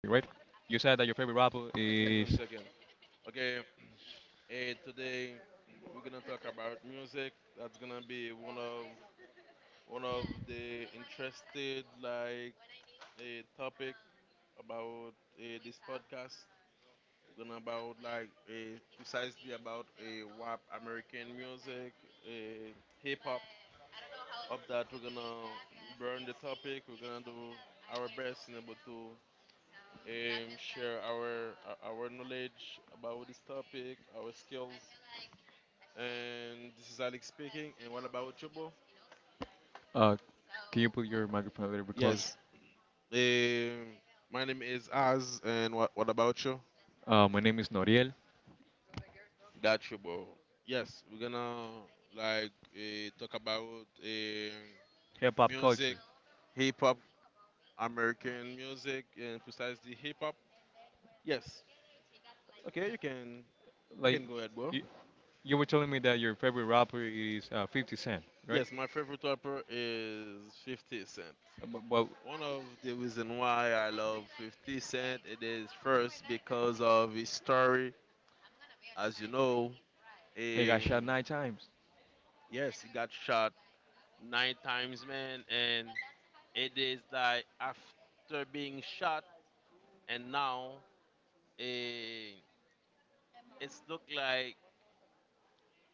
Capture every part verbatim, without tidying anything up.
You said that your favorite rapper Give is. me a second. Okay, eh, Today we're gonna talk about music. That's gonna be one of one of the interested like a topic about eh, this podcast. We're gonna about like eh, precisely about a W A P American music, eh, hip hop. Up that we're gonna burn the topic. We're gonna do our best in able to um, share our our knowledge about this topic, our skills. And this is Alex speaking. And what about you, Bo? Uh, can you put your microphone a little bit closer? Yes. Um, my name is Az. And what what about you? Uh, my name is Noriel. Got you, Bo. Yes, we're gonna like uh, talk about um, Hip hop music, culture. hip hop, American music, and precisely hip hop. Yes. Okay, you can you Like, can go ahead, Bo. you, you were telling me that your favorite rapper is uh, fifty Cent, right? Yes, my favorite rapper is fifty Cent. Uh, bu- Well, One of the reason why I love fifty Cent it is first because of his story. As you know, he got shot in nine times. yes, he got shot nine times, man, and it is like after being shot and now eh, it's look like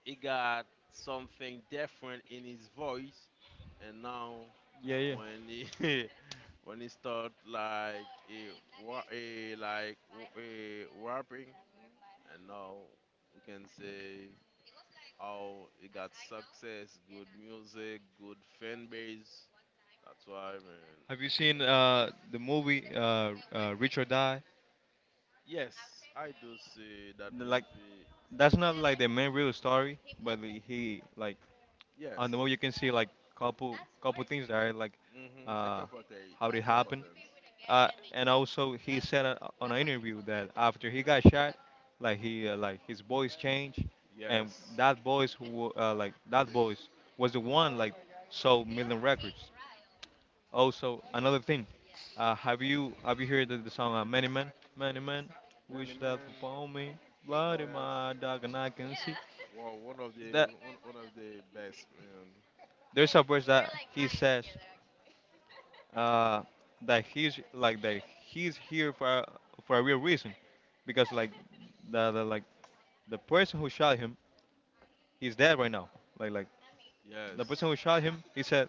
he got something different in his voice, and now Yeah, yeah. when he when he start like eh, wa- eh, like eh, rapping and now we can say how it got success, good music, good fan base. That's why, man. Have you seen uh, the movie uh, uh, Rich or Die? Yes, I do see that Like, movie. that's not like the main real story, but he like Yes, on the movie you can see like couple couple things there, like hmm a uh, couple of things, how it a couple of happened. things. Uh, and also he said uh, on an interview that after he got shot, like he uh, like his voice changed, and Yes, that voice who uh, like that voice was the one like sold million records. Also another thing, uh, have you have you heard the, the song uh, Many Men? Many Men, many wish that man. upon me, blood in Yes, my dog and I can see. wow, one of the That one, one of the best, man. There's a verse that he says. uh, that he's like that he's here for for a real reason, because like the, the like the person who shot him, he's dead right now. Like like the person who Yes, shot him, he said,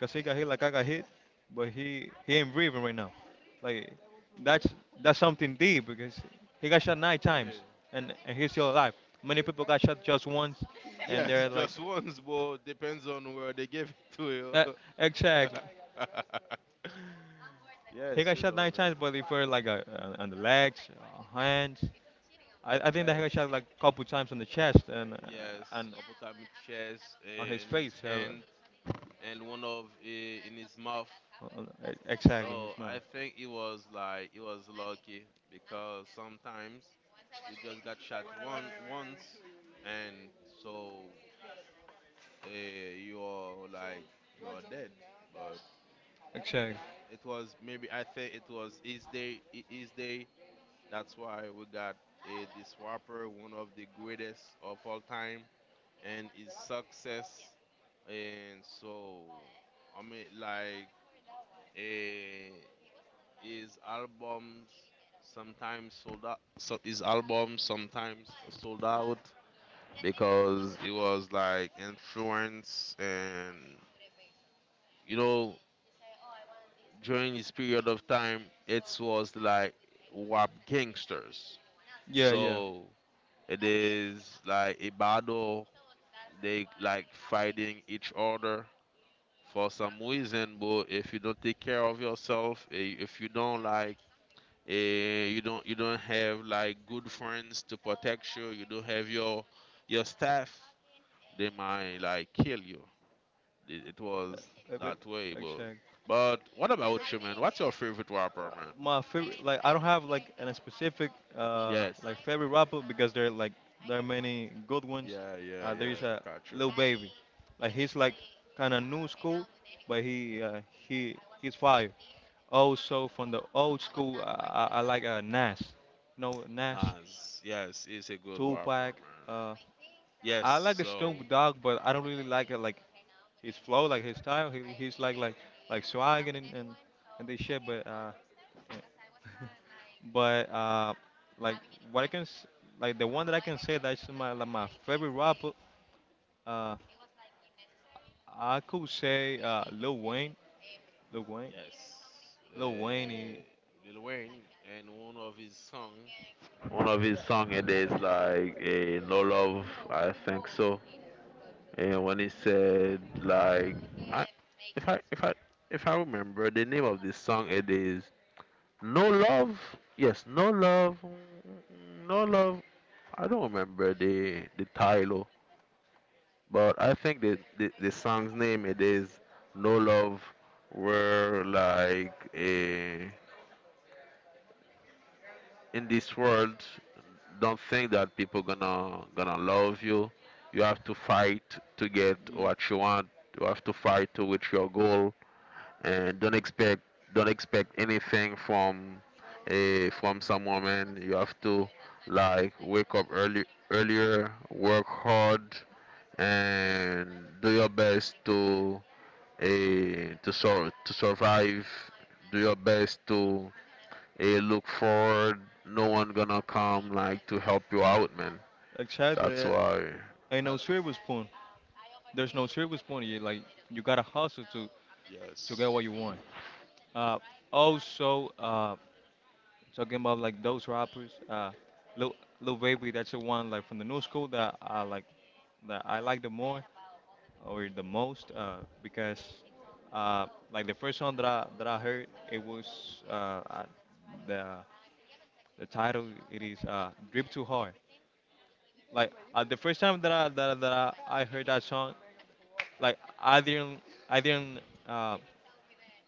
"Cause he got hit like I got hit, but he he ain't breathing right now." Like that's that's something deep because he got shot nine yeah, times and and he's still alive. Many people got shot just once, and yes, they're like. just once, but depends on where they give it to you. Uh, Exactly. He yes, got you shot know, nine man. times, but they were like uh, uh, on the legs, uh, hands. I, I think the Yes, head shot like a couple times on the chest and uh, yes. and Couple time in chest uh, on his in his face. Uh, hand and one of uh, in his mouth. on- on- e- exactly, So his I mouth. think it was like it was lucky because sometimes you just got shot one once, and so uh, you're like you're dead. But Exactly. it was maybe I think it was his day. His day. That's why we got uh, this rapper, one of the greatest of all time, and his success. And so, I mean, like, uh, his albums sometimes sold out. So his albums sometimes sold out because it was like influence, and you know, during this period of time, it was like rap gangsters. Yeah, yeah. So it is like a battle. They like fighting each other for some reason. But if you don't take care of yourself, eh, if you don't like, eh, you don't you don't have like good friends to protect you. You don't have your your staff. They might like kill you. It, it was Uh, but- that way, but Exactly. but what about you, man? What's your favorite uh, rapper, man? my favorite like I don't have like an specific uh Yes. like favorite rapper because there are like there are many good ones. Yeah, yeah, Uh, there yeah. is I a got you. Lil Baby, like he's like kind of new school, but he uh, he he's fire. Also from the old school, I, I, I like uh, Nas, No Nas, Nas. Yes, he's a good rapper, Tupac. man. Uh, Yes, I like the Snoop so Dogg, but I don't really like it like his flow, like his style. He, he's like like like swagging and and, and this shit, but uh, yeah. But uh, like what I can s- like the one that I can say that's my like my favorite rapper. Uh, I could say uh Lil Wayne, Lil Wayne, yes, Lil Wayne. He, uh, Lil Wayne and one of his song. One of his song it is like a no love, I think so. And when he said like I if I if I if I remember the name of this song it is No Love. Yes, No Love. mm, No Love. I don't remember the the title. But I think the, the the song's name it is No Love where like eh, in this world don't think that people gonna gonna love you. You have to fight to get Yeah. what you want. You have to fight to reach your goal and don't expect don't expect anything from eh, from some woman. You have to like wake up early earlier, work hard and do your best to eh, to sur- to survive. Do your best to eh, look forward. No one gonna come like to help you out, man. That's Exactly. uh, why. Ain't no silver spoon. There's no silver spoon. You like you gotta hustle to to get what you want. Uh, also uh talking about like those rappers. Uh, Lil Lil Baby. That's the one like from the new school that I like that I like the more. Or the most uh, because uh, like the first song that I that I heard it was uh, uh, the the title it is uh, "Drip Too Hard." Like uh, the first time that I that, I- that I, I heard that song, like I didn't I didn't uh,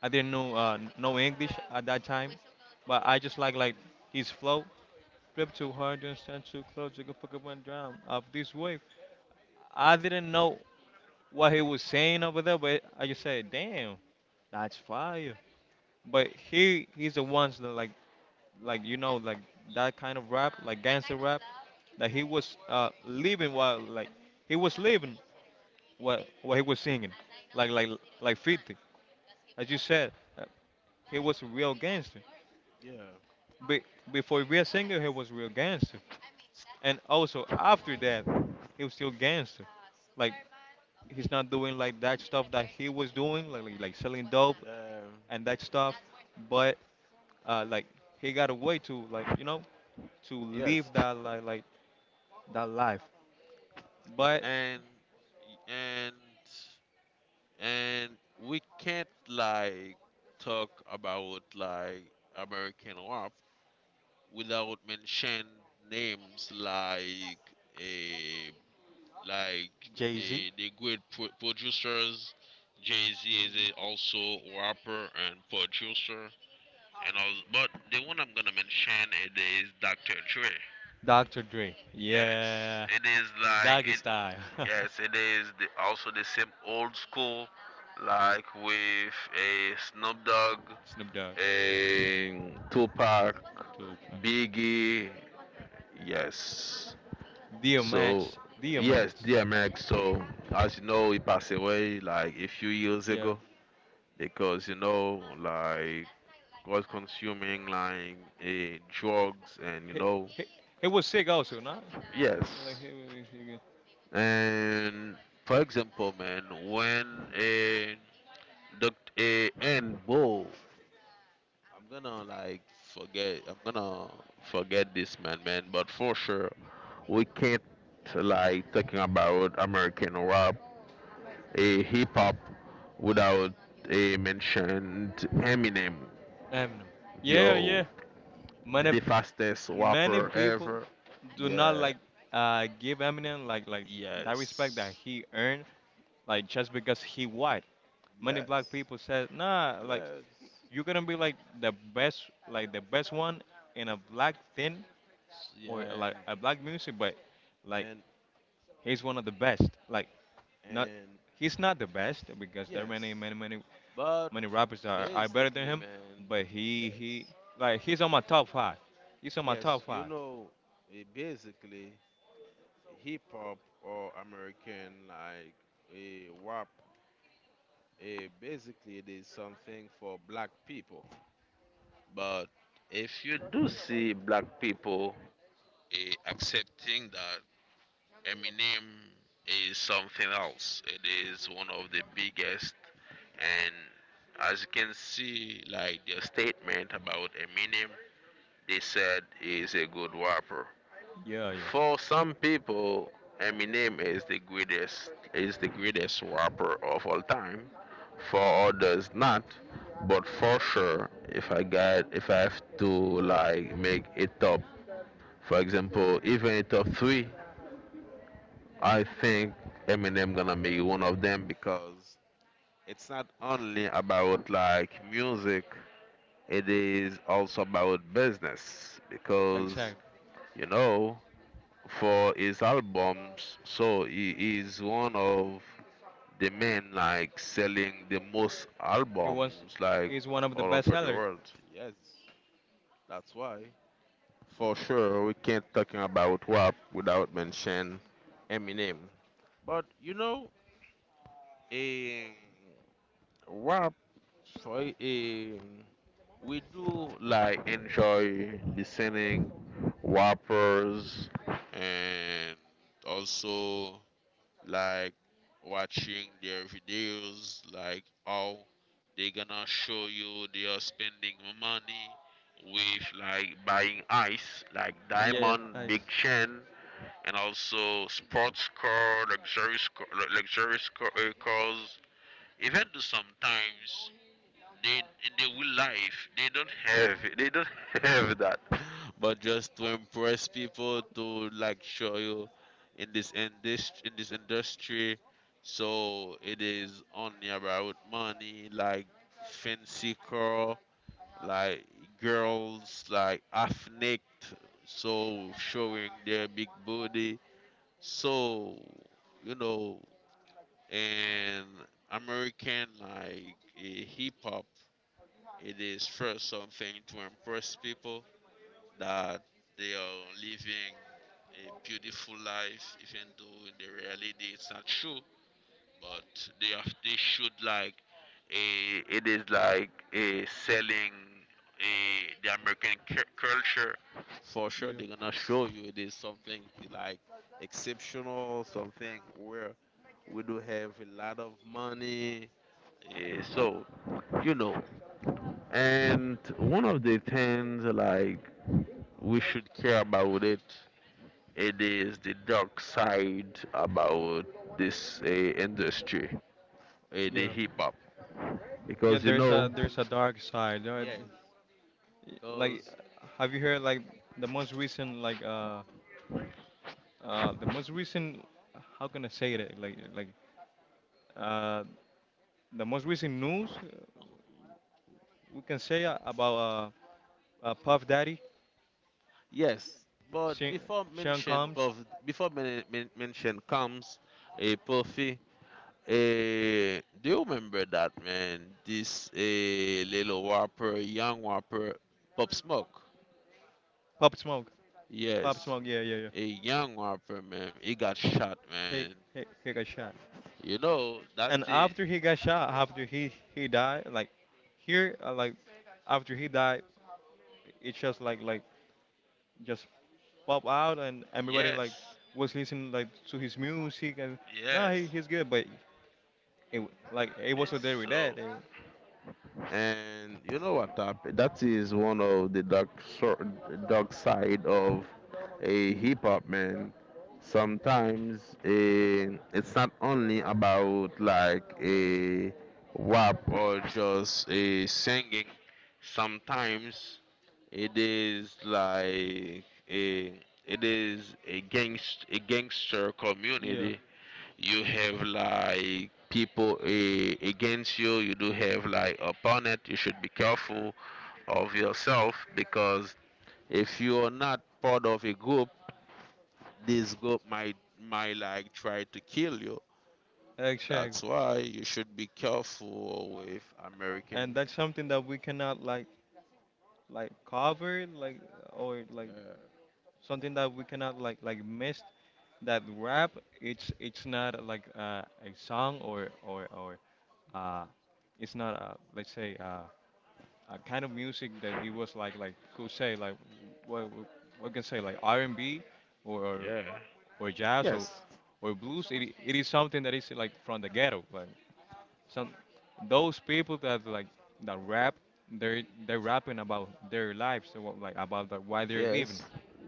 I didn't know uh, know English at that time, but I just like like his flow. Drip too hard, don't stand too close, you can fuck up and drown of this wave. I didn't know what he was saying over there, but I just said, damn, that's fire. But he he's the ones that like like you know like that kind of rap like gangster rap that he was uh living while like he was living what what he was singing like like like fifty as you said uh, he was a real gangster. Yeah, Be, before he was a singer he was a real gangster and also after that he was still gangster. Like he's not doing like that stuff that he was doing like like, like selling dope yeah, and that stuff but uh like he got a way to like you know to live yes, that li- like that life. But and and and we can't like talk about like American rap without mention names like eh, like Jay Z, they, they good pro- producers. Jay Z is a also rapper and producer, and I was, but the one I'm gonna mention it is doctor Dre. doctor Dre, Yes, yeah, it is like doggy it. style. Yes, it is the, also the same old school, like with a Snoop Dogg, Snoop Dogg, a Tupac, Tupac. Biggie. Yes. dear So, match, dear yes, match. D M X. So, as you know, he passed away like a few years Yeah, ago because you know, like, was consuming like eh, drugs and you he, know, he, he was sick also, not like yes. he, was sick. And for example, man, when a doctor A and Bo, I'm gonna like forget. I'm gonna forget this man, man. But for sure, we can't like talking about American rap a hip hop without a mentioned Eminem. Eminem. Yeah, Yo, yeah. Many the fastest Many rapper people ever. do not Yeah, like uh give Eminem like like that respect that yes, he earned like just because he white. Many black yes. people said nah like Yes. you're gonna be like the best, like the best one in a black thing or Yeah. like a black music, but like And he's one of the best. Like not, and he's not the best because there are many, yes. many, many, But many rappers that are, are better than basically, him. man, But he, he, yes. like he's on my top five. He's on my Yes, top you five. know, eh, basically hip hop or American like a rap eh, basically, it is something for black people. But if you do see black people eh, accepting that Eminem is something else, it is one of the biggest. And as you can see, like their statement about Eminem, they said he's a good rapper. Yeah, yeah, For some people, Eminem is the greatest is the greatest rapper of all time. For others, not. But for sure, if I got if I have to like make a top, for example, even a top three, I think Eminem gonna make one of them because it's not only about like music. It is also about business because exactly. you know for his albums. So he is one of the men like selling the most He was, albums like he's one of the all best over the sellers. world. That's why, for sure, we can't talking about rap without mention Eminem. But you know, a rap for a we do like enjoy listening rappers and also like watching their videos, like how they gonna show you they are spending money with like buying ice, like Yeah, diamond, I big s- chain, and also sports car, luxurious car, luxurious car, uh, cars. Even though sometimes they they will real life they don't have they don't have that but just to impress people to like show you in this industry in this industry so it is only about money like fancy car like girls like ethnic so showing their big body so you know and american like eh, hip-hop it is first something to impress people that they are living a beautiful life, even though in the reality it's not true. But they have, they should like a, it is like a selling a, the American cu- culture. For sure, you. they're gonna show you it is something like exceptional, something where we do have a lot of money. Eh, so you know and one of the things like we should care about it, it is the dark side about this uh, industry, uh, the Yeah, hip hop, yeah. because you There's a know there's a dark side. Right? yes, Y- Like, because have you heard like the most recent like uh uh the most recent how can I say it like like uh the most recent news uh, we can say uh, about uh, uh Puff Daddy, yes, but Sean, before Sean mention Combs, Puff, before men, men, mention comes a Puffy. Eh, do you remember that man? This a little rapper, young rapper, Pop Smoke. Pop Smoke, Pop Yes, Smoke, yeah, yeah, yeah. a young rapper, man. He got shot, He man. he he got shot, You know, that's and it. after he got shot, after he he died, like here uh, like after he died, it's just like like just pop out and everybody like Yes, was listening like to his music and no he, yes. he's good but it like it was It's there with that so. eh. And you know what happened? That is one of the dark, sor- dark side of a hip hop man. Sometimes eh, it's not only about like a rap or just a singing. Sometimes it is like a it is a gangst a gangster Yeah, community. You have like people eh, against you. You do have like opponent. You should be careful of yourself because if you are not part of a group this group might might like try to kill you. exactly, That's why you should be careful with and american. that's something that we cannot like like cover like or like Yeah. something that we cannot like like miss that rap it's it's not like uh, a song or or or uh it's not uh let's say uh a kind of music that it was like like could say like what what what can say like R and B or, or Yeah, or jazz or, yes. or blues it, i- it is something that is like from the ghetto like some those people that like that rap they're they're rapping about their lives so what- like about the, why they're living Yes,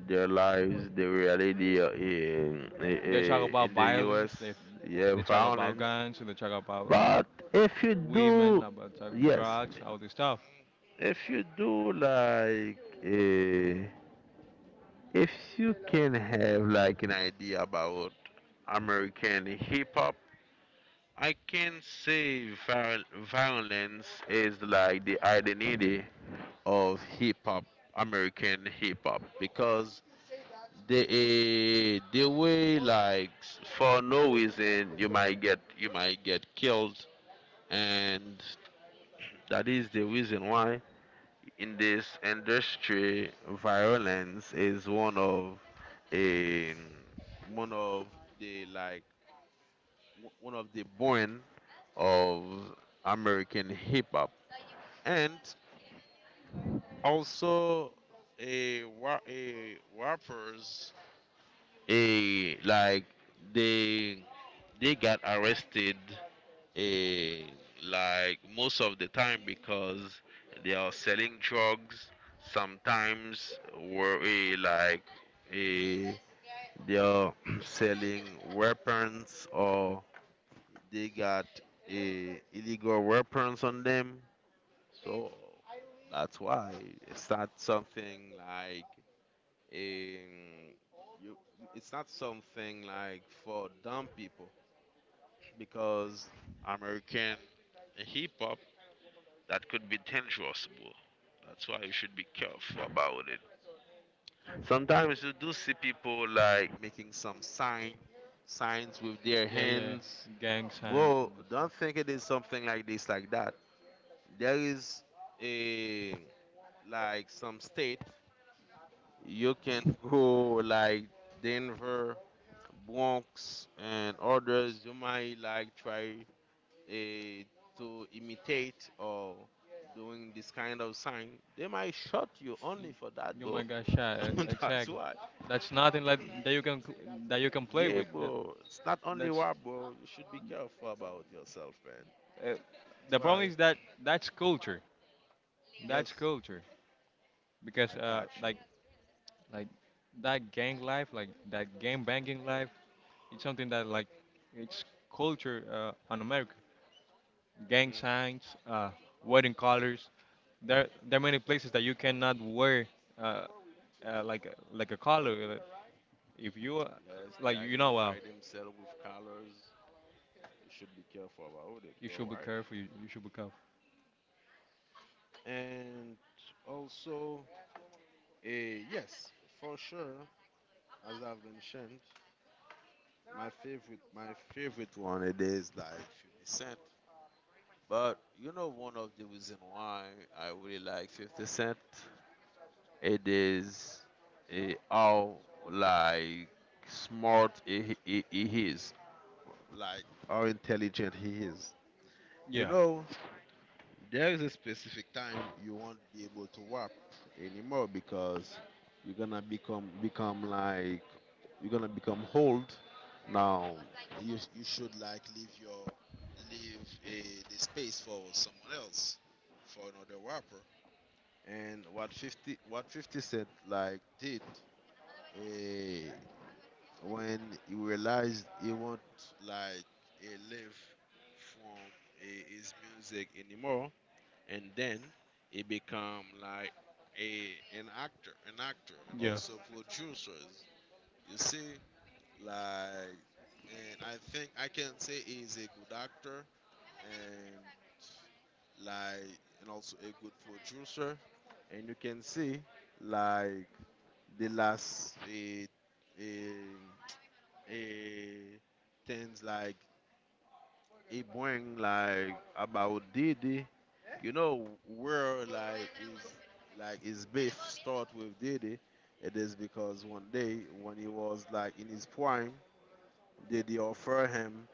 their lives, the reality uh, in, eh, they talk eh, about in the U S. violence they Yeah, they talk about violence. guns they talk about uh, But if you women do, about talk, yes, drugs all this stuff if you do like, uh, if you can have like an idea about American hip hop, I can say viol- violence is like the identity of hip hop, American hip hop, because the uh, the way like s- for no reason you might get you might get killed, and that is the reason why in this industry, violence is one of a one of the like w- one of the born of American hip hop, and also a wa- a rappers a like they they got arrested eh, like most of the time because they are selling drugs sometimes were eh, like eh, they are selling weapons or they got eh, illegal weapons on them so that's why it's not something like um, you it's not something like for dumb people because American hip hop that could be dangerous, bro. That's why you should be careful about it. Sometimes you do see people like making some sign, signs with their yeah, yeah, hands. gang signs and Bro, this stuff. don't think it is something like this, like that. There is a like some state you can go like Denver, Bronx, and others. You might like try eh, to imitate or doing this kind of sign, they might shot you only for that, You bro. might get shot e- That's exactly why. that's nothing like that you can pl- that you can play Yeah, with. Uh, bro. It's not only that's why, bro. You should be careful about yourself, man. Uh, That's the problem why. is that that's culture. That's Yes, culture because I uh, catch like you. like that gang life, like that gang banging life, it's something that like it's culture uh, on America. Gang Hmm, signs, uh, wedding colors. There there are many places that you cannot wear uh, uh, like a- like a collar. If you uh, yes, they like you know uh, identify themselves with colors. You should be careful about it. you You're should be right, man. careful. You, you should be careful. And also, eh, yes, for sure, as I've mentioned, My favorite, my favorite one it is like fifty Cent. But you know, one of the reason why I really like fifty Cent, it is eh, how like smart he, he, he is, like how intelligent he is. You Yeah. know, there is a specific time you won't be able to rap anymore because you're gonna become become like you're gonna become old now. You you should like leave your leave eh, the space for someone else, for another rapper. And what fifty what fifty cent like did, Eh, when he realized he won't like eh, live from eh, his music anymore, and then he become like a an actor, an actor, and Yeah. also producers. You see, like, and I think I can say he's a good actor and like and also a good producer. And you can see like the last eh, eh, eh, things like he bring like about Diddy. You know where like is like his beef start with Diddy. It is because one day when he was like in his prime, Diddy offer him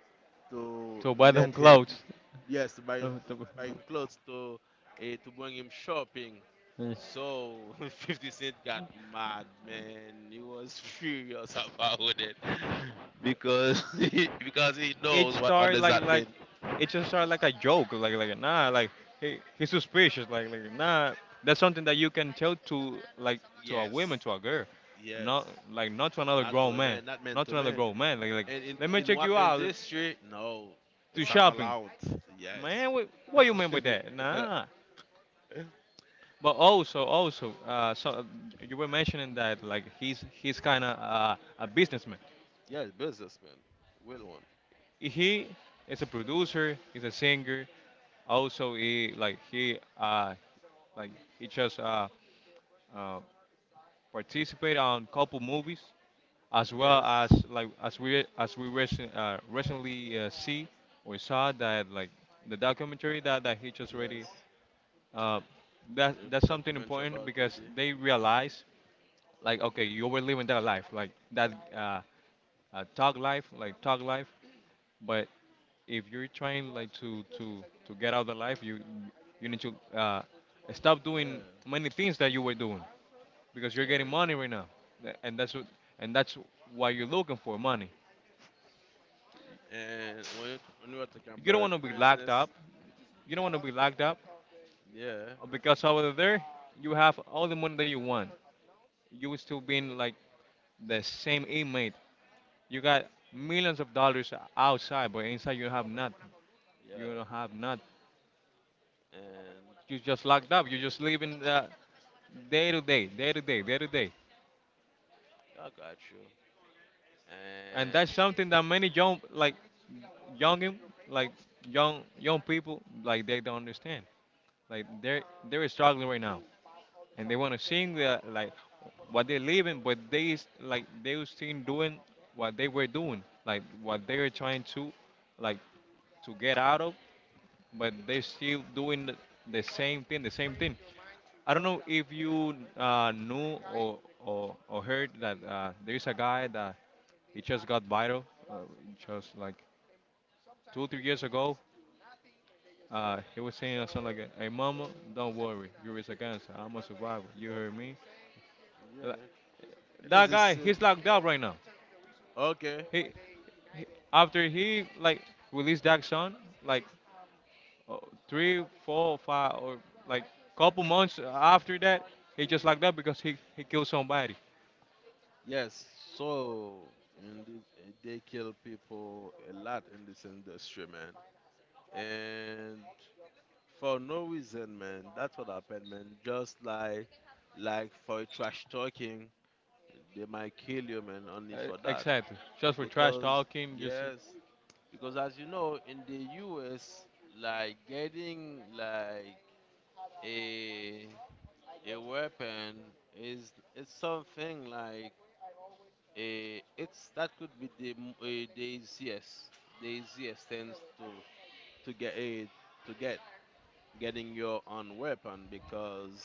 to To buy them let him, clothes. yes, to buy him, Uh, to- buy him clothes, to uh, to bring him shopping. Mm. So fifty Cent got mad, man. He was furious about it because he, because he It knows what what started does like that like mean. it just started like a joke, like like nah, like he, he's suspicious, like like nah. That's something that you can tell to like to a Yes, woman, to a girl, yes. not like not to another Not to grown a man, man, not man not to to another man. grown man. Like like And in let me in check what you out industry? No, to it's not shopping, allowed. Yes. man. What, what you mean by that? Nah. But also also uh, so you were mentioning that like he's he's kind of uh, a businessman. Yes, businessman. Will one. He is a producer, he's a singer. Also, he like he uh like he just uh, uh participate on couple movies as well as Yes. like as we as we recent, uh, recently uh, see we saw that like the documentary that, that he just already Yes, uh, that the that's something documentary important about because Diddy. they realize like okay you were living that life like that uh, uh talk life like talk life but if you're trying like to to to get out of life you you need to uh, stop doing Yeah. many things that you were doing because you're There getting you money go. right now. Th- and that's what and that's why you're looking for money. And when it, when you were talking You don't about want to be locked business, up. You don't want to be locked up yeah. because over there you have all the money that you want, you will still being like the same inmate. You got millions of dollars outside but inside you have nothing. You Yeah, don't have nothing. and You just locked up, you're just living the day to day day to day day to day. I got you. And that's And something that many young like young like young young people like they don't understand like they're they're struggling right now and they want to sing the, like what they're living but they is- like they was still doing what they were doing like what they were trying to like to get out of but they're still doing the, the same thing the same thing I don't know if you uh, knew or, or or heard that uh, there's a guy that he just got viral uh, just like two three years ago, uh, he was saying something like, "Hey mama, don't worry, you're a cancer. I'm a survivor. You heard me." yeah, Like, it is That a guy, sim. he's locked up right now. Okay, He, he After he like released that song, like uh, three, four, five, or like couple months after that, he just locked up because he he killed somebody. yes. So in this, eh, they kill people a lot in this industry, man, and for no reason, man. That's what happened, man. Just like like for trash talking. They might kill you, man, only Uh, for that. Exactly, just for trash Because, talking. Just yes, because as you know, in the U S, like getting like a a weapon is it's something like a it's that could be the m- eh, the easiest, the easiest things to to get a to get, getting your own weapon because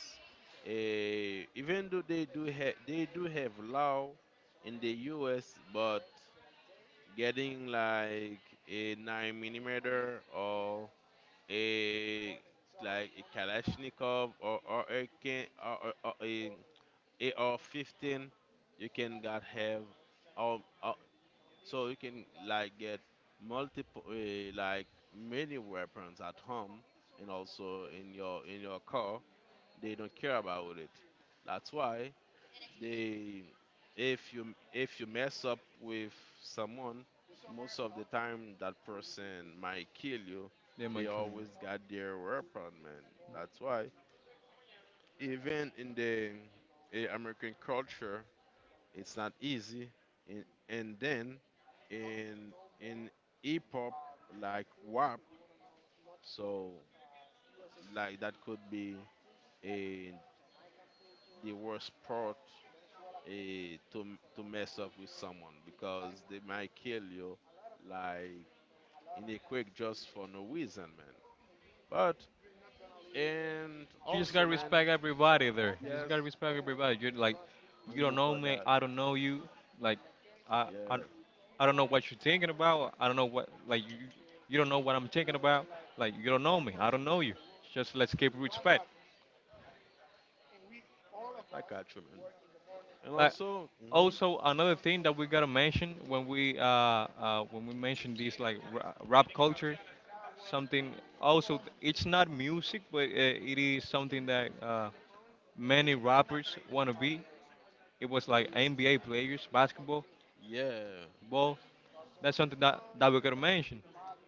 eh, even though they do have they do have law in the U S, but getting like a nine millimeter or a like a Kalashnikov or or a can or, or, or a AR fifteen, you can got have um uh, so you can like get multiple uh, like many weapons at home and also in your in your car. They don't care about it. That's why they, if you if you mess up with someone, most of the time that person might kill you. they They might kill you. always got their weapon, man. That's why even in the eh, American culture, it's not easy. In, and then in in hip hop like W A P, so like that could be a the worst part eh, to m- to mess up with someone because they might kill you like in a quick, just for no reason, man. But and You just also, gotta man, respect everybody there. You just yes, gotta respect everybody. You're like, you don't only know for me. that. I don't know you. Like, I, I, Yeah, I don't know what you're thinking about. I don't know what like you, you don't know what I'm thinking about. Like, you don't know me. I don't know you. Just let's keep respect. I got you, man. And Like, also, hmm also another thing that we gotta mention when we uh, uh when we mention this like ra- rap culture, something also it's not music, but uh, it is something that uh many rappers wanna be. It was like N B A players, basketball, yeah, ball. That's something that, that we could mention.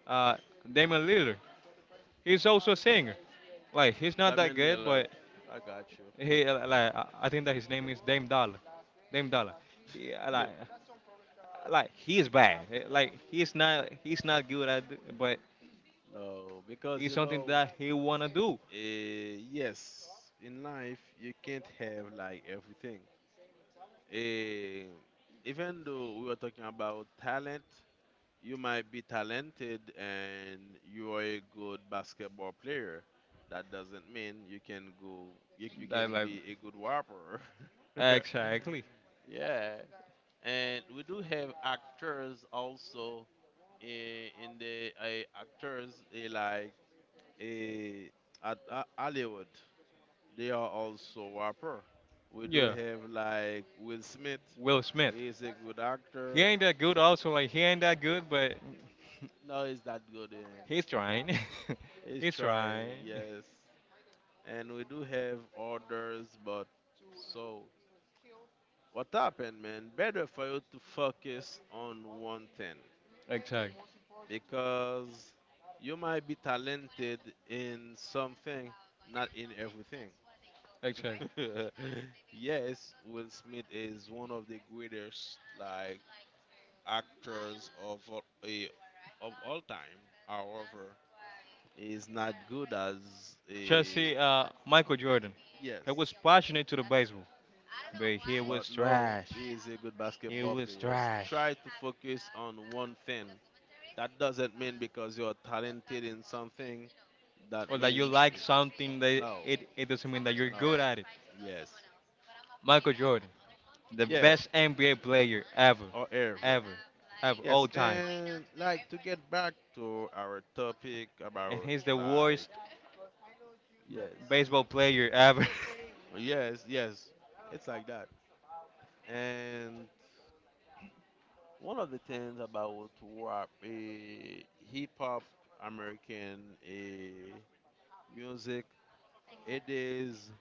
Uh, Damian Lillard. He's also a singer. Like he's not that Damian good, Lillard, but I got you. he uh, like I I think that his name is Dame Dollar. Dame Dollar. He uh, like uh, like he's bad. Eh, Like he's not he's not good at it, but No, because it's you something know, that he wanna do. eh, yes, in life you can't have like everything. Eh, Even though we were talking about talent, you might be talented and you are a good basketball player. That doesn't mean you can go you, you That can like be a good rapper. Exactly. Yeah. And we do have actors also eh, in the eh, actors eh, like eh, at uh, Hollywood. They are also rapper. We do Yeah, have like Will Smith. Will Smith. He's a good He actor. ain't that good. Also, like he ain't that good, but No, he's that good. eh. he's trying. It's He's trying. trying, yes. And we do have orders, but so what happened, man? Better for you to focus on one thing Exactly. because you might be talented in something, not in everything. Exactly. Yes, Will Smith is one of the greatest like actors of all- eh, of all time. However, is not good as a Chelsea. uh, Michael Jordan. He yes. was passionate to the baseball, but he was But no, trash. he is a good He basketball was player. S- trash. Try to focus on one thing. That doesn't mean because you're talented in something. That Or that you means like in, something, that no, it, it doesn't mean that you're no, good at it. yes, Michael Jordan, the yeah, best N B A player ever, or ever. ever, ever, all Yes, time. and like to get back to our topic And about he's the like worst yes, baseball player ever. yes, yes, it's like that. And one of the things about rap, a hip hop American, music. It is.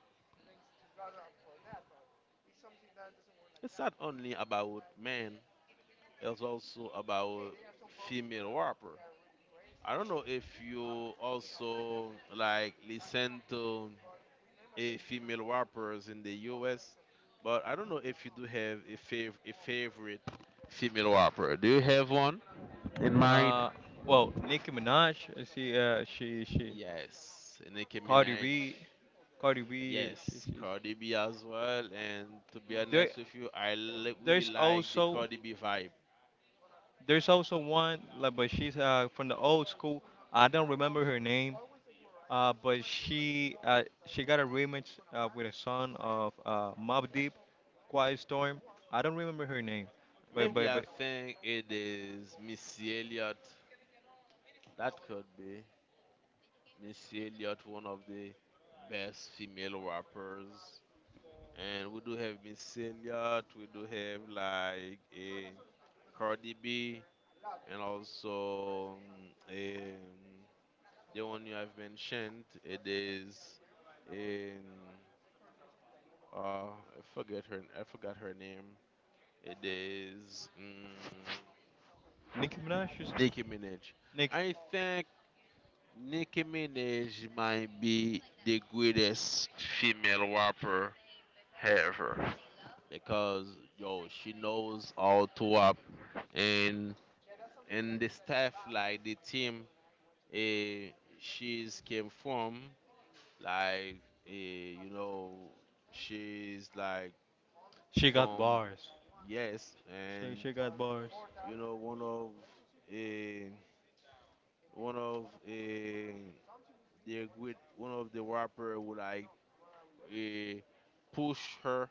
It's not only about men. It's also about female rapper. I don't know if you also like listen to a female rappers in the U S, but I don't know if you do have a fav- a favorite female rapper. Do you have one in mind? uh, well, Nicki Minaj, uh, she, uh, she, she, Yes, Nicki Cardi Minaj. B, Cardi B, uh, she, Yes, she's, Cardi B as well. And to be there, honest with you, I li- really there's like the also. Cardi B vibe. There's also one, like, but she's uh, from the old school. I don't remember her name, uh, but she uh, she got a remix uh, with a son of uh, Mobb Deep, Quiet Storm. I don't remember her name, but Maybe but I but think it is Missy Elliott. That could be Missy Elliott, one of the best female rappers. And we do have Missy Elliott. We do have like a Cardi B, and also um, um, the one you have mentioned. It is in uh, I forget her. I forgot her name. It is um, Nicki Minaj, you said? Nicki Minaj. Nick, I think Nicki Minaj might be the greatest female rapper ever because yo she knows how to rap and and the staff like the team, eh, she's came from like eh, you know she's like she got from, bars. yes. She And she got bars. you know one of eh, one of eh, the great, one of the rapper who like uh, push her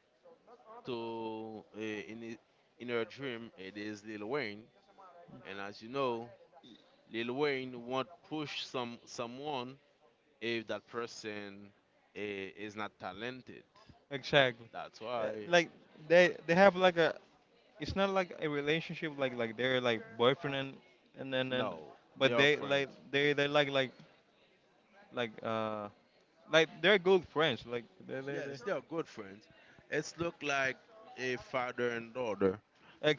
to uh, in i- in her dream. It is Lil Wayne, and as you know, Lil Wayne won't push some someone if that person uh, is not talented. Exactly. That's Uh, why like they they have like a. It's not like a relationship like like they're like boyfriend and and and, and no, they but are they like friends. they they like like like uh like they're good friends. Like they, they, they. Yes, they are good friends. It's look like a father and daughter.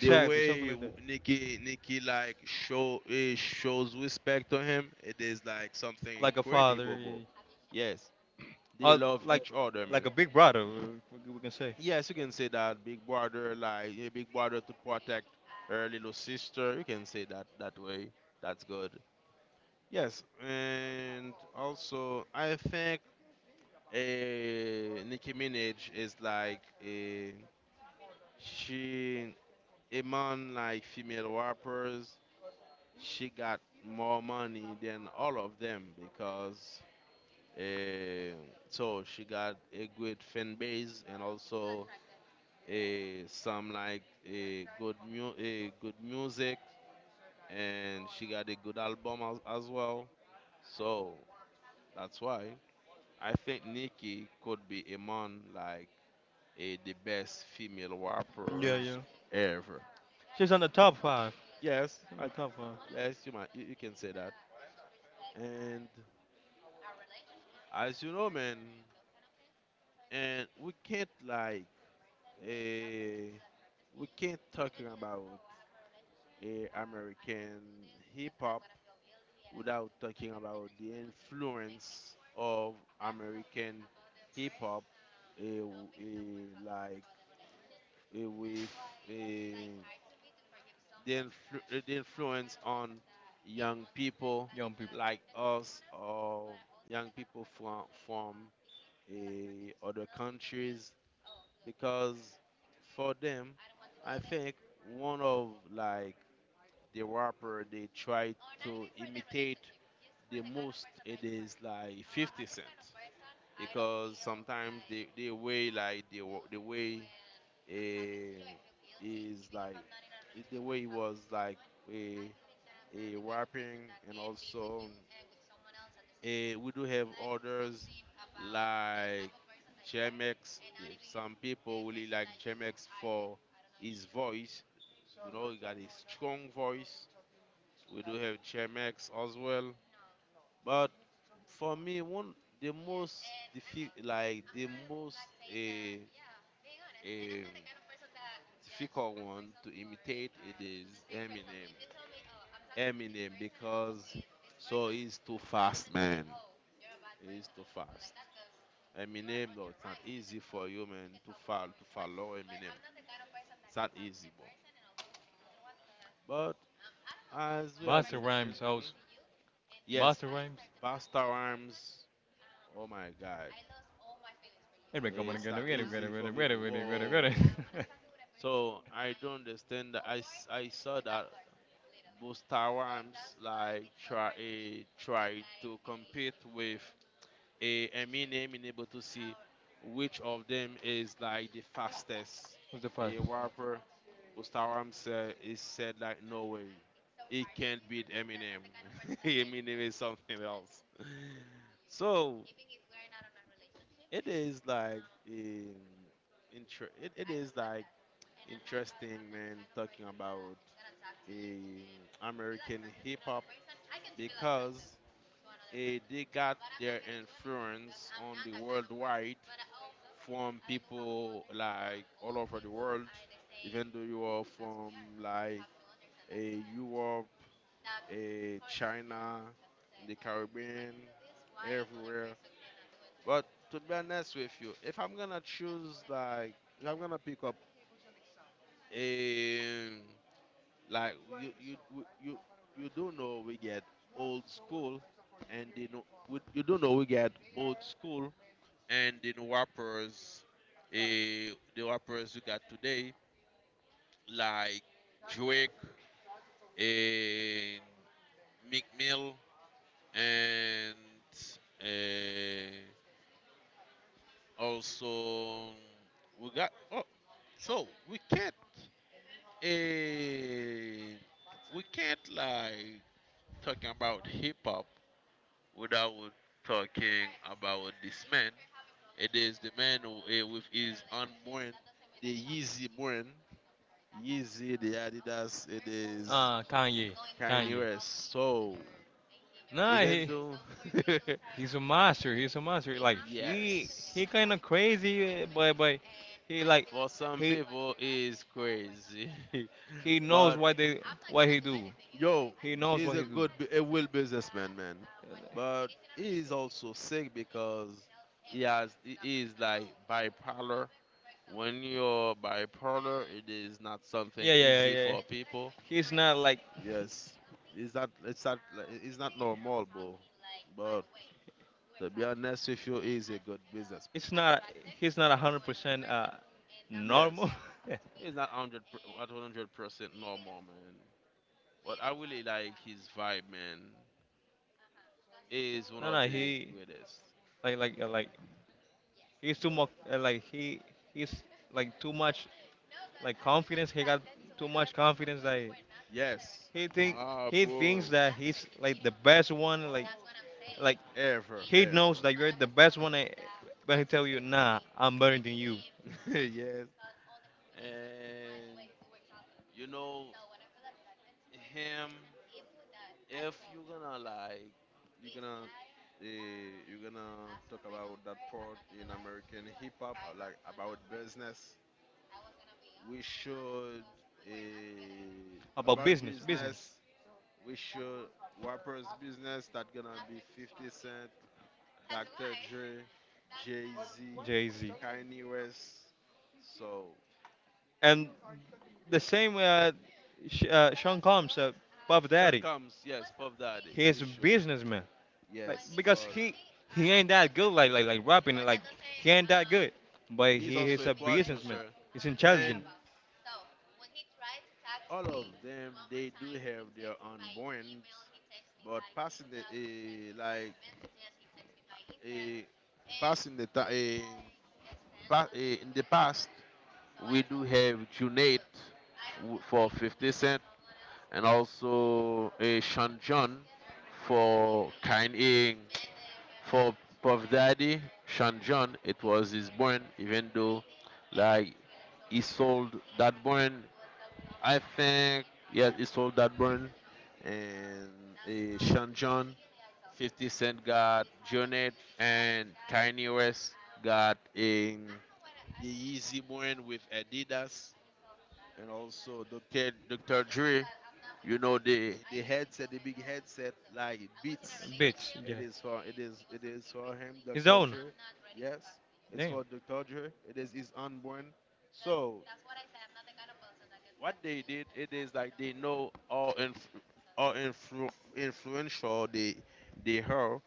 The something way like w- that. Nikki Nikki like show eh, shows respect to him, it is like something Like a incredible, father, yeah. bro. Yes, they Or love like each other, like man. a big brother. We, we we can say. Yes, you can say that Big Brother like eh, Big Brother to protect her little sister. You can say that that way. That's good. Yes, and also I think eh, Nicki Minaj is like a, she among like female rappers. She got more money than all of them because uh, so she got a good fan base and also a some like a good mu- a good music, and she got a good album as, as well, so that's why I think Nicki could be among like a, the best female Yeah, rappers yeah. ever. She's on the top five. Yes She's on I, the top five. yes you might you, you can say that. And as you know man, and we can't like uh, we can't talking about uh, American hip hop without talking about the influence of American hip hop uh, w- uh, like uh, with uh, the influ- uh, the influence on young people Young people. like us, or young people from from uh, other countries because for them, I think one of like the rapper they try to imitate the most it is like fifty Cent because sometimes they they way like the wa- the way eh, is like it- the way he was like a a rapping. And also, Eh, we do have others like J M X. The- Some people really like J M X for his voice. You know, he got a strong voice. We do have J M X as well. But for me, one the most diffi- like the most eh, eh, difficult one to imitate it is Eminem. Eminem because so he's too fast, man. He's too fast. Eminem, no, it's not easy for you, man, to follow to follow Eminem. It's not easy, bro. But as we have mentioned, mhm, yes, Busta Rhymes. Oh my God, Wait, wait, come on, it's get not it, get it, get it, easy get for it, get people. it, get it, get it, get Whoa. it. So I don't understand. That I s- I saw that Busta Rhymes like try eh, try to compete with a Eminem in able to see which of them is like the fastest What's the fun? a rapper. Bustaram said, he said like no way. He can't beat Eminem. Eminem is something else. So it is like in inter- it, it is like interesting man talking about in American hip hop because eh, they got their influence on the worldwide from people like all over the world, even though you are from like a Europe, eh, China, in the Caribbean, everywhere. But to be honest with you, if I'm gonna choose like if I'm gonna pick up a like you you w- you you do know we get old school, and they know we, you do know we get old school, and the rappers, eh, the rappers you got today like Drake and Meek Mill and uh, also we got oh so we can't uh, we can't like talking about hip hop without talking about this man. It is the man who, eh, with his own brand, the Yeezy brand, Yeezy, the Adidas. It is Uh, Kanye. Kanye Kanye. West. So Nah, even he though he's a master. He's a master. Like he he yes, kind of crazy, uh, but but he like for some he people is crazy. he knows But what they what he do. yo, He knows he's what he a do. good bu- a will businessman, man. But he is also sick because he has he is like bipolar. When you're bipolar, it is not Yeah, something yeah, easy yeah, yeah. for people. He's not like Yes, it's not it's not like- it's not normal, bro. But to be honest with you, he's a good businessman. it's not he's not a hundred percent uh Yes, normal. he's not one hundred at one hundred percent normal, man. But I really like his vibe, man. He is one No, of no, the he greatest. like like uh, like he's too much uh, like he he's like too much like confidence. He got too much confidence that Yes. he think Ah, he thinks bro. that he's like the best one. Like like Ever, he knows ever. that you're the best one. eh, But he tell you, nah, I'm better than you. Yes. And you know him. If you're gonna like, You're gonna uh, you're gonna talk about that part in American hip hop, uh, like, about business. We should, uh, About about business, business. business. We should rappers business that gonna be fifty Cent, doctor Dre, Jay Z, Jay Z. Kanye West. So, And the same uh, Sh- uh, Sean Combs, uh, Puff Sean Daddy. Combs, yes, Puff Daddy, He you is a should. businessman. Like Yes, because but he he ain't that good like like like rapping like he ain't that good, but he's he also is a a businessman. producer. He's And intelligent. all of them, they do have their own brands, but passing the, eh, like, eh, passing the, ti- eh, pa- eh, in the past, we do have Junaid f- for fifty Cent, and also a Sean John for Kanye. For Puff Daddy, Sean John, it was his brand, even though, like, he sold that brand. I think yes, he sold that brand, and uh, Sean John, fifty Cent got Jonet, and Kanye West got a the Yeezy brand with Adidas. And also doctor doctor Dre, you know, the the headset, the big headset like beats, Bitch, it yeah. is for it is it is for him, His Dr. own. Dre. Yes, it's Damn. for Dr. Dre. It is his unborn. So what they did, it is like, they know all inf- all influ- influential they they are,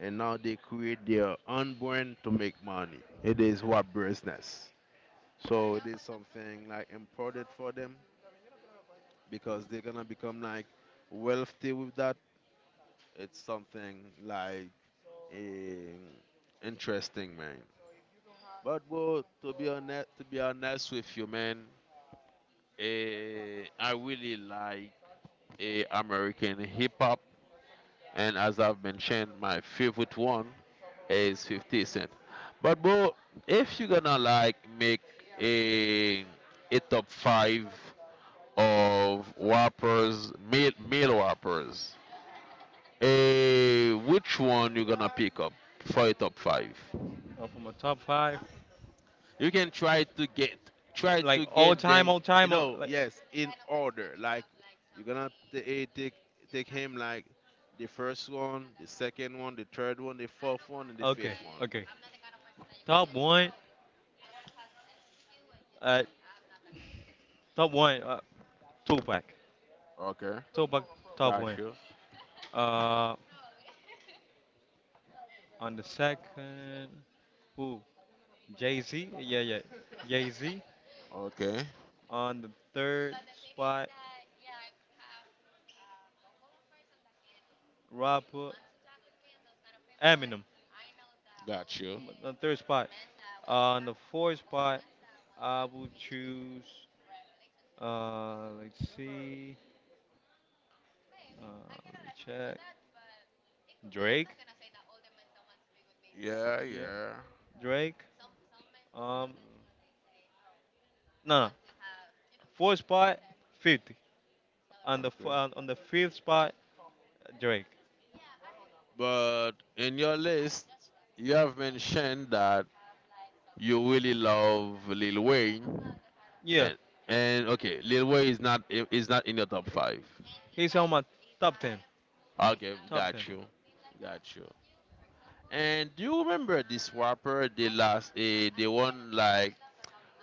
and now they create their unborn to make money. It is what business. So it is something like important for them, because they're gonna become like wealthy with that. It's something like um, interesting, man. But bro, to be honest, to be honest with you, man, eh, I really like eh, American hip hop, and as I've mentioned, my favorite one is fifty Cent. But bro, if you're gonna like make a a top five of rappers, male male rappers, Eh, which one you gonna pick up for your top five? Oh, from a top five. You can try to get try Like to all get time, them. all You time, all, know, like. yes, in order. Like, you're gonna t- eh, take take him like the first one, the second one, the third one, the fourth one, and the Okay, fifth one. okay. Top one. Uh, top one. Uh, Tupac. Okay, So back top got one. you. Uh, on the second, who? Jay Z. Yeah, yeah. Jay Z. Okay, On the third spot, rapper Eminem. got you. On the third spot. Ah, on the fourth spot, I will choose. Uh, let's see. Uh, Let me check. Drake. Yeah, Yeah, yeah. Drake. Um, no, no. Fourth spot, fifty. On the f- Okay. on on the fifth spot, Drake. But in your list, you have mentioned that you really love Lil Wayne. Yeah, And and okay, Lil Wayne is not i- is not in your top five. he's on my top ten. Okay, Top got ten. you, got you. And do you remember this rapper? They last a they won like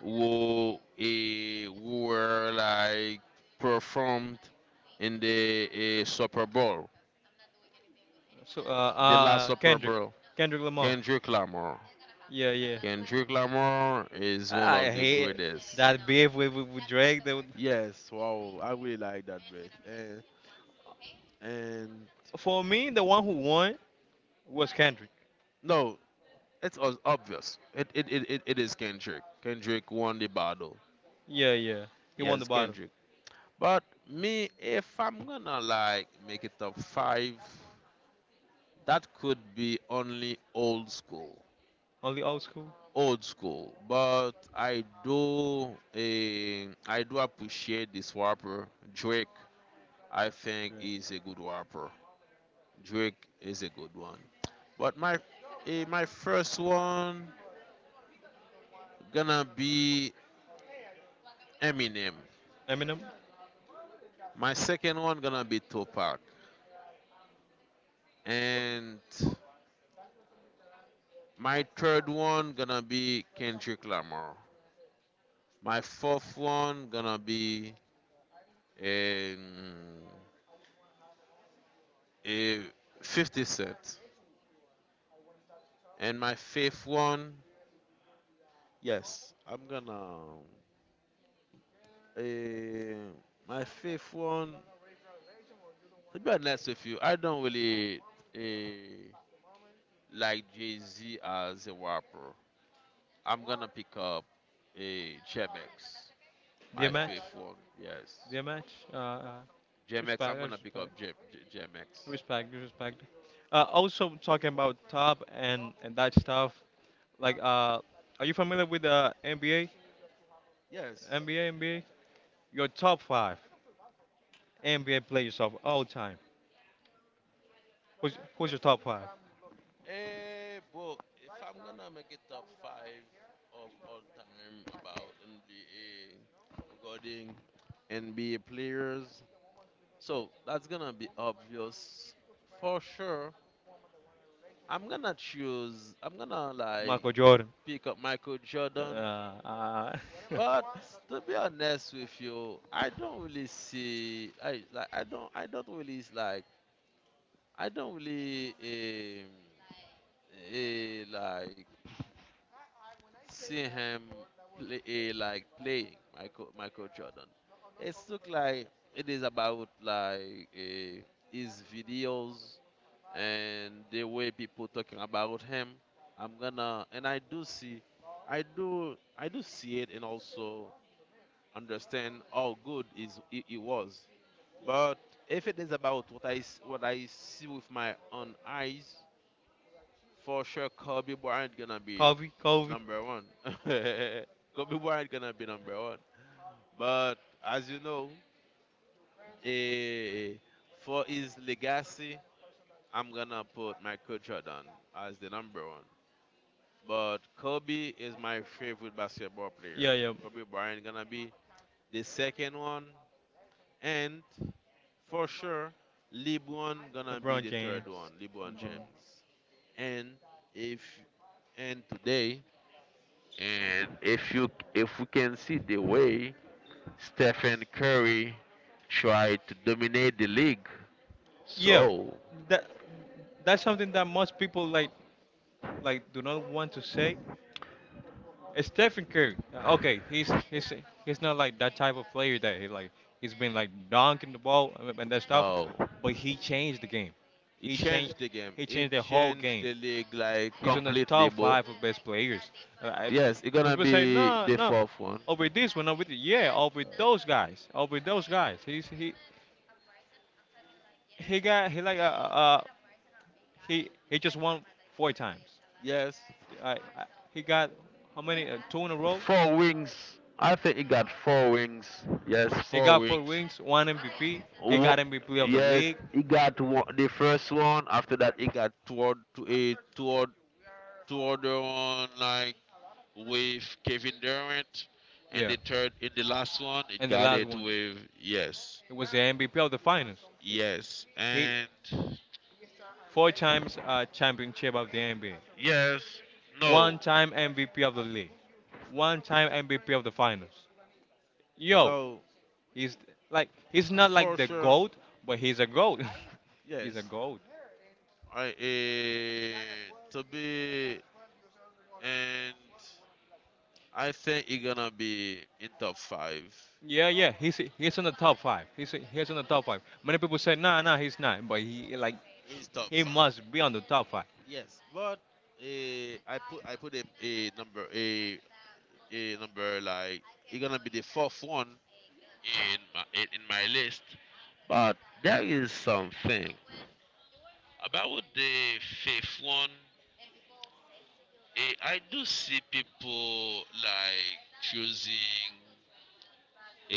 who a who were like performed in the uh, Super Bowl, So uh, the last uh Super Kendrick, Bowl. Kendrick Lamar. Kendrick Lamar. Yeah, yeah. Kendrick Lamar is I one of I the hate greatest. that beef with, with, with Drake. That, would- Yes, wow, I really like that, man. And and For me, the one who won was Kendrick. no, It's os- obvious. It it, it, it it is Kendrick. Kendrick won the battle. Yeah, yeah. He won the Yes, battle. Kendrick. But me, if I'm gonna like make it top five, that could be only old school. Only old school. Old school. But I do eh, I do appreciate this rapper. Drake, I think Drake. is a good rapper. Drake is a good one. But my eh, my first one gonna be Eminem. Eminem. My second one gonna be Tupac, and my third one gonna be Kendrick Lamar. My fourth one gonna be um, a fifty Cent, and my fifth one, yes, I'm gonna. Uh, my fifth one, to be honest with you, I don't really, uh, like Jay Z as a rapper. I'm gonna pick up a Chemex. Dear My match. fifth one, yes. Dear match. Uh, uh, G M X, Respect. I'm I gonna pick up respect. J G- GMX. Respect, respect. Uh, also talking about top and and that stuff. Like, uh, are you familiar with the NBA? Yes. NBA, NBA. Your top five NBA players of all time. Who's who's your top five? Eh, bro, if I'm gonna make it top five of all time about N B A, regarding N B A players, so that's gonna be obvious for sure. I'm gonna choose. I'm gonna like Michael Jordan. pick up Michael Jordan. Uh, uh But to be honest with you, I don't really see. I like. I don't. I don't really like I don't really um, eh, like see him play eh, like playing Michael Michael Jordan. It's look like it is about like, eh, his videos and the way people talking about him. I'm gonna and I do see, I do I do see it, and also understand how good is he, he was. But if it is about what I s- what I see with my own eyes, for sure Kobe Bryant gonna be Kobe, Kobe. number one. Kobe Bryant gonna be number one. But as you know, eh, for his legacy, I'm gonna put Michael Jordan as the number one. But Kobe is my favorite basketball Yeah, player. yeah. Kobe Bryant gonna be the second one, and for sure, LeBron gonna be LeBron the third one. James. LeBron LeBron. James. And if and today And if you, if we can see the way Stephen Curry tried to dominate the league, Yeah, so that that's something that most people like like do not want to say, it's Stephen Curry. uh, Okay, he's he's he's not like that type of player that he like he's been like dunking the ball and and that stuff, no, but he changed the game. it He changed changed the game. he changed It the whole changed game. the league. Like, He's in the completely, top bro. five of best players. Uh, I, Yes, it's Most gonna people say be no, the no fourth one. over this one, over the yeah, over those guys, over those guys. He's he he got he like uh, uh uh, he he just won four times. Yes, I, I, he got how many uh, two in a row. four wings. I think he got four wings. Yes, He four got four wings. wins, one M V P. He got Wo- M V P of the yes, league. he got one, the first one. After that, he got toward to a toward toward the one, like with Kevin Durant, and Yeah. the third, in the last one, it And the got last it one, with, yes, it was the M V P of the finals. yes, He and four times uh, championship of the N B A, yes, one no, time M V P of the league, one time M V P of the finals. Yo, no, he's like he's not like for the sure, goat, but he's a goat. He's a yes. goat. I uh, to be and I think he gonna be in top five. Yeah, yeah, he's he's in the top five. He's he's in the top five. Many people say, nah, nah, he's not, but he like It's top he five. must be on the top five. Yes, but, uh, I put I put him a number, a a number like he gonna be the fourth one in my in in my list, but there is something about the fifth one. eh, I do see people like choosing a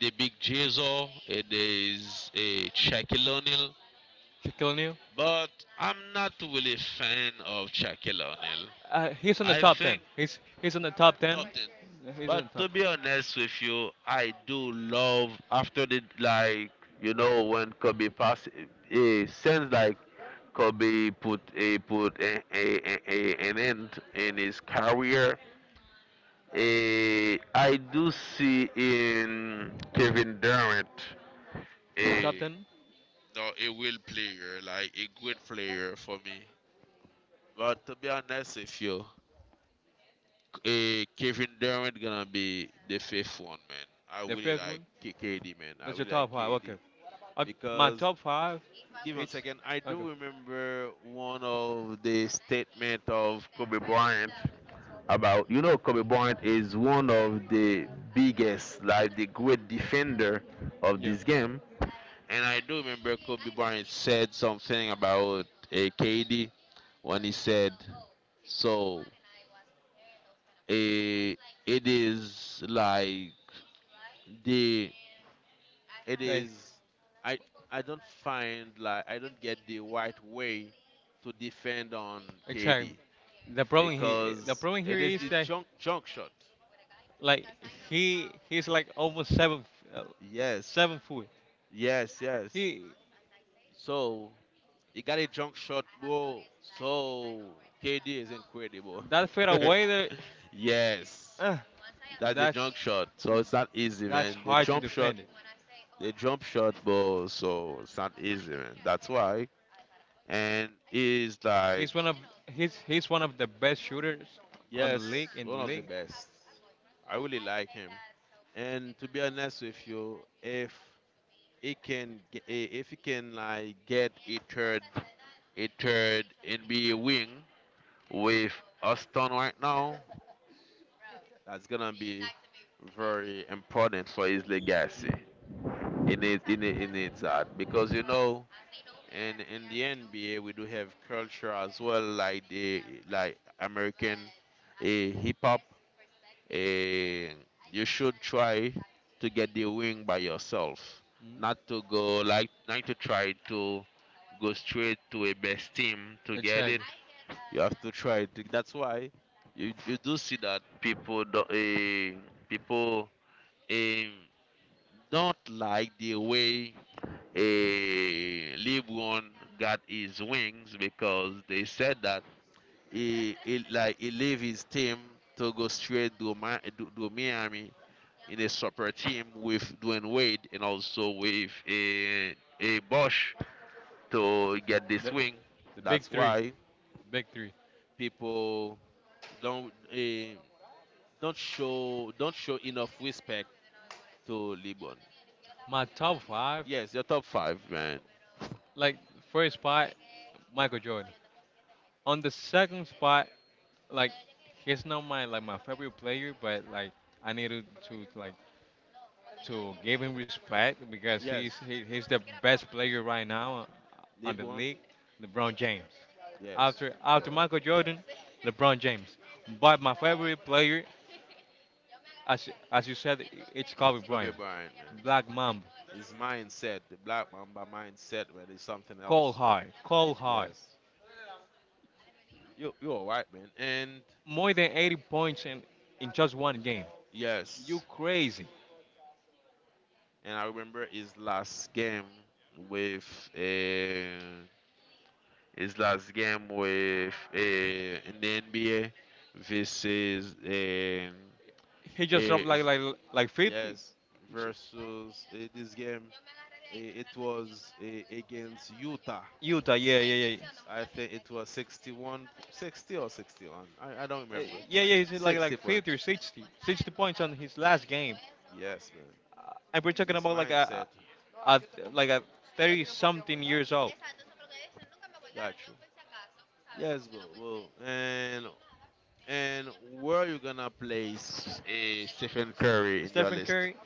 the big Jesus, it is a Shaquille O'Neal, Shaquille O'Neal. but I'm not really a fan of Shaquille O'Neal. Uh, he's on the I top ten. think. He's he's on the top ten. Nothing. He's But on the to top be honest with you, I do love after the, like, you know when Kobe pass, eh, since like Kobe put a put a, a, a, a- an end in his career. eh, I do see in Kevin Durant a, in the top hey, ten. no, a will player, like a good player for me. But to be honest with you, Eh, Kevin Durant gonna be the fifth one, man. I The really fifth like one. K- KD, man. I That's your really like top five. K D, Okay. Uh, my because top five. give me one It's second. I okay. do remember one of the statement of Kobe Bryant about, you know Kobe Bryant is one of the biggest, like the great defender of Yeah. this game. And I do remember Kobe Bryant said something about, uh, K D, when he said, "So, Eh, it is like the it Hey. is I I don't find like I don't get the right way to defend on Exactly. K D, The problem he the because problem here it is is a that junk junk shot. like he he's like almost seven uh, Yes. seven foot. Yes, yes. He So he got a junk shot, bro. So K D is incredible. that far away there. Yes. Uh, That's a that's junk shot. So it's not easy, that's man. The hard to jump shot defend it. A jump shot ball, so it's not easy, man. That's why. And he's like, He's one of he's he's one of the best shooters on the league yes, in the one of the league. best. I really like him. And to be honest with you, if he can, ge- eh, if he can like get a third, a third N B A wing with Austin right now, that's gonna be very important for his legacy. Mm. He need, he need, he needs that because, you know and in the N B A, we do have culture as well, like the, like, American, eh, hip hop. Eh, you should try to get the wing by yourself, Mm. not to go like not to try to go straight to a best team to get it. Exactly. You have to try to. That's why you you do see that people do, eh, people, eh, don't like the way a LeBron got his wings, because they said that, he, he, like, he leave his team to go straight to, Mi- to, to Miami in a super team with Dwayne Wade and also with a a Bosch to get this The wing. the big That's three, why big three. people don't eh, don't show don't show enough respect to LeBron. My top five, Yes, your top five, man. like first spot, Michael Jordan. On the second spot, like he's not my like my favorite player, but like I needed to like to give him respect because Yes, he's he, he's the best player right now on the LeBron. league, LeBron James. Yes, After you're After right. Michael Jordan, LeBron James. But my favorite player, as as you said, it's Kobe Kobe Bryant, Bryant, man. Black Mamba, His mindset, the Black Mamba mindset, man, is something cold else. hard, cold hard, Yes, you you are right, man. And more than eighty points in in just one game. You yes, crazy? and I remember his last game with, uh, his last game with, uh, in the N B A versus, um, He just uh, dropped like like like fifty. yes, versus, uh, this game. Uh, it was, uh, against Utah. Utah, yeah, yeah, yeah. I think it was sixty-one, sixty or sixty-one. I, I don't Uh, remember. yeah, yeah, he's like sixty like points. fifty or sixty sixty points on his last game. Yes, man. Uh, and we're talking His about like mindset. a a- like a thirty something years old. Got you. Yes, go. Well, and and where you gonna place a Stephen Curry in your Stephen list? Curry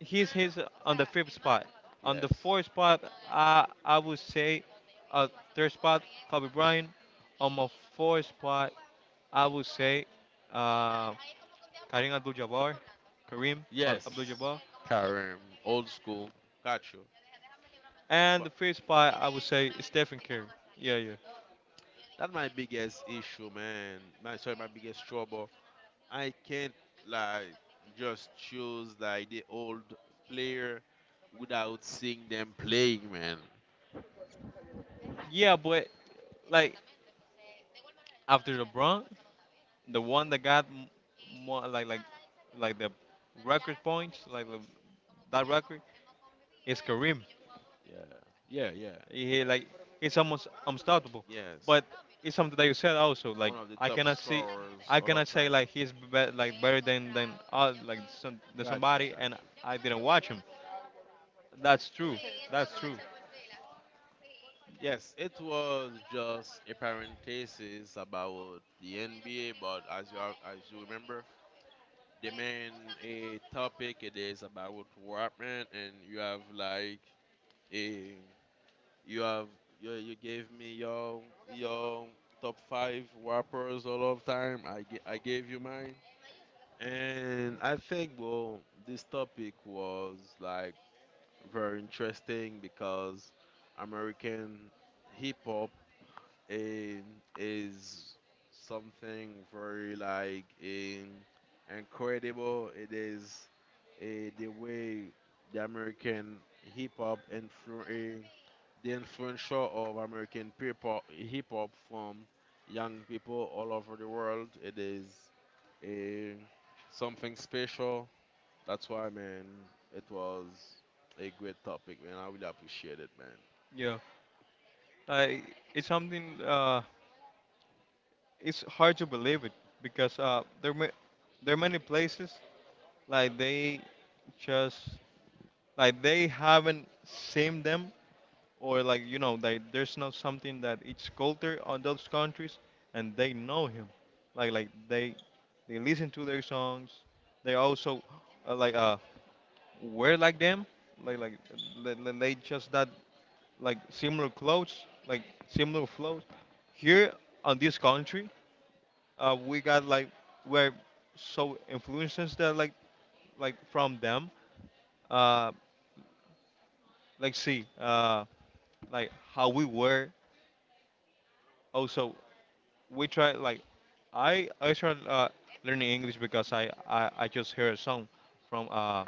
he's he's on the fifth spot. On the Yes. fourth spot, I I would say, uh, third spot Kobe Bryant. On my fourth spot, I would say, uh, Kareem Abdul-Jabbar, Kareem Ab- Yes. Abdul-Jabbar. Karim, old school. Got you. And But the fifth spot, I would say Stephen Curry. Yeah, yeah, that's my biggest issue, man. My sorry, my biggest trouble, I can't, like, just choose like the old player without seeing them playing, man. yeah. But like after LeBron, the one that got m- more like like like the record points, like the, that record is Kareem. Yeah, yeah, yeah. He like he's almost unstoppable. Yes, But it's something that you said also. Like one of the I top cannot see, scorers I all cannot of say time. like he's be- like better than than uh, like some, than Got you, somebody, got and you. I didn't watch him. That's true. That's true. Yes, it was just a parenthesis about the N B A, but as you are- as you remember, the main a topic, it is about Warpman, and you have like a You have you, you gave me your your top five rappers all of time. I, g- I gave you mine, and I think, well, this topic was like very interesting, because American hip hop, eh, is something very, like eh, incredible. It is, eh, the way, the American hip hop influence the influence of American people hip hop from young people all over the world. It is a something special. That's why, man, it was a great topic, man. I really appreciate it, man. Yeah, like it's something. Uh, it's hard to believe it because uh, there ma- there are many places like they just like they haven't seen them, or like you know like there's not something that it's culture on those countries, and they know him like like they they listen to their songs. They also uh, like uh wear like them, like like they, they they just that like similar clothes, like similar flows. Here on this country uh we got like we're so influences that like like from them uh like see uh like how we were. Also we try like I I started uh, learning English because I, I I just heard a song from uh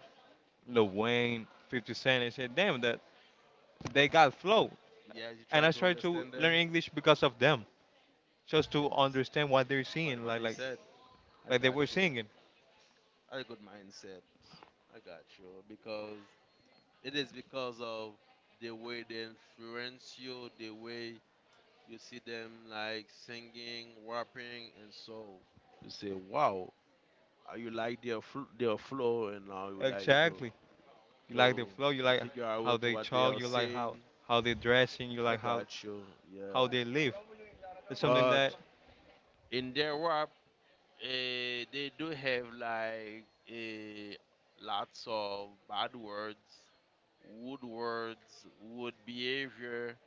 Lil Wayne, fifty Cent, and said, damn that they got flow, Yes, you and try I to started to understand them. learn English because of them, just to Yes, understand what they're what singing, what like they like said. I like they got were you. singing. I got good mindset. I got you, because it is because of the way they influence you, the way you see them like singing, rapping, and so you say, "Wow, uh, you like their fl- their flow, and now you like to Exactly. You like the to flow, you to like figure out how what they what they talk, are you like how saying." how they dressing, you I like how got you, how yeah. they live. It's something that. But in their rap, eh, they do have like, eh, lots of bad words, wood words, wood behavior,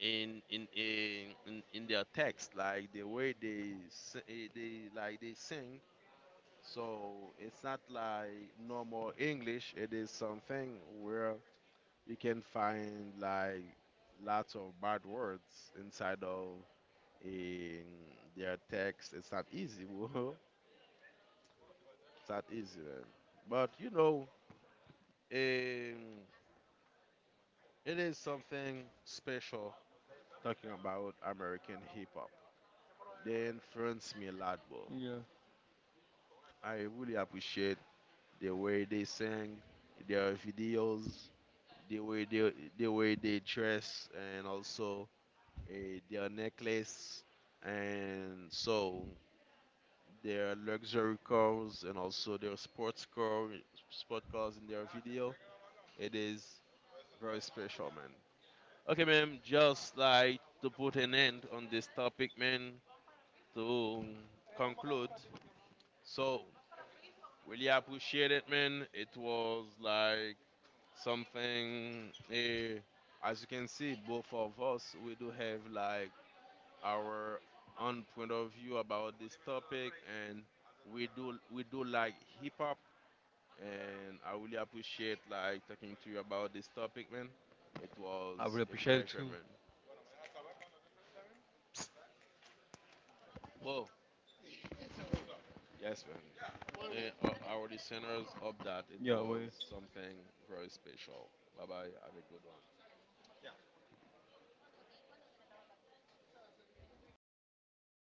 in in in in, in their text, like the way they s- eh, they like they sing. So it's not like normal English. It is something where you can find like lots of bad words inside of in their text. It's not easy, bro. It's not easy, man. But, you know, um, it is something special talking about American hip hop. They influenced me a lot, bro. Yeah. I really appreciate the way they sing, their videos, the way they the way they dress, and also, uh, their necklace, and so their luxury cars, and also their sports car, sport cars in their video. It is very special, man. Okay, ma'am. Just like to put an end on this topic, man. To conclude, so, really appreciate it, man. It was like something, eh, as you can see, both of us we do have like our own point of view about this topic, and we do we do like hip hop, and I really appreciate like talking to you about this topic, man. It I would was a appreciate pleasure, too. man. Whoa, yes, man. And, uh, our listeners, hope that it Yeah. was Well. something very special. Bye bye, have a good one.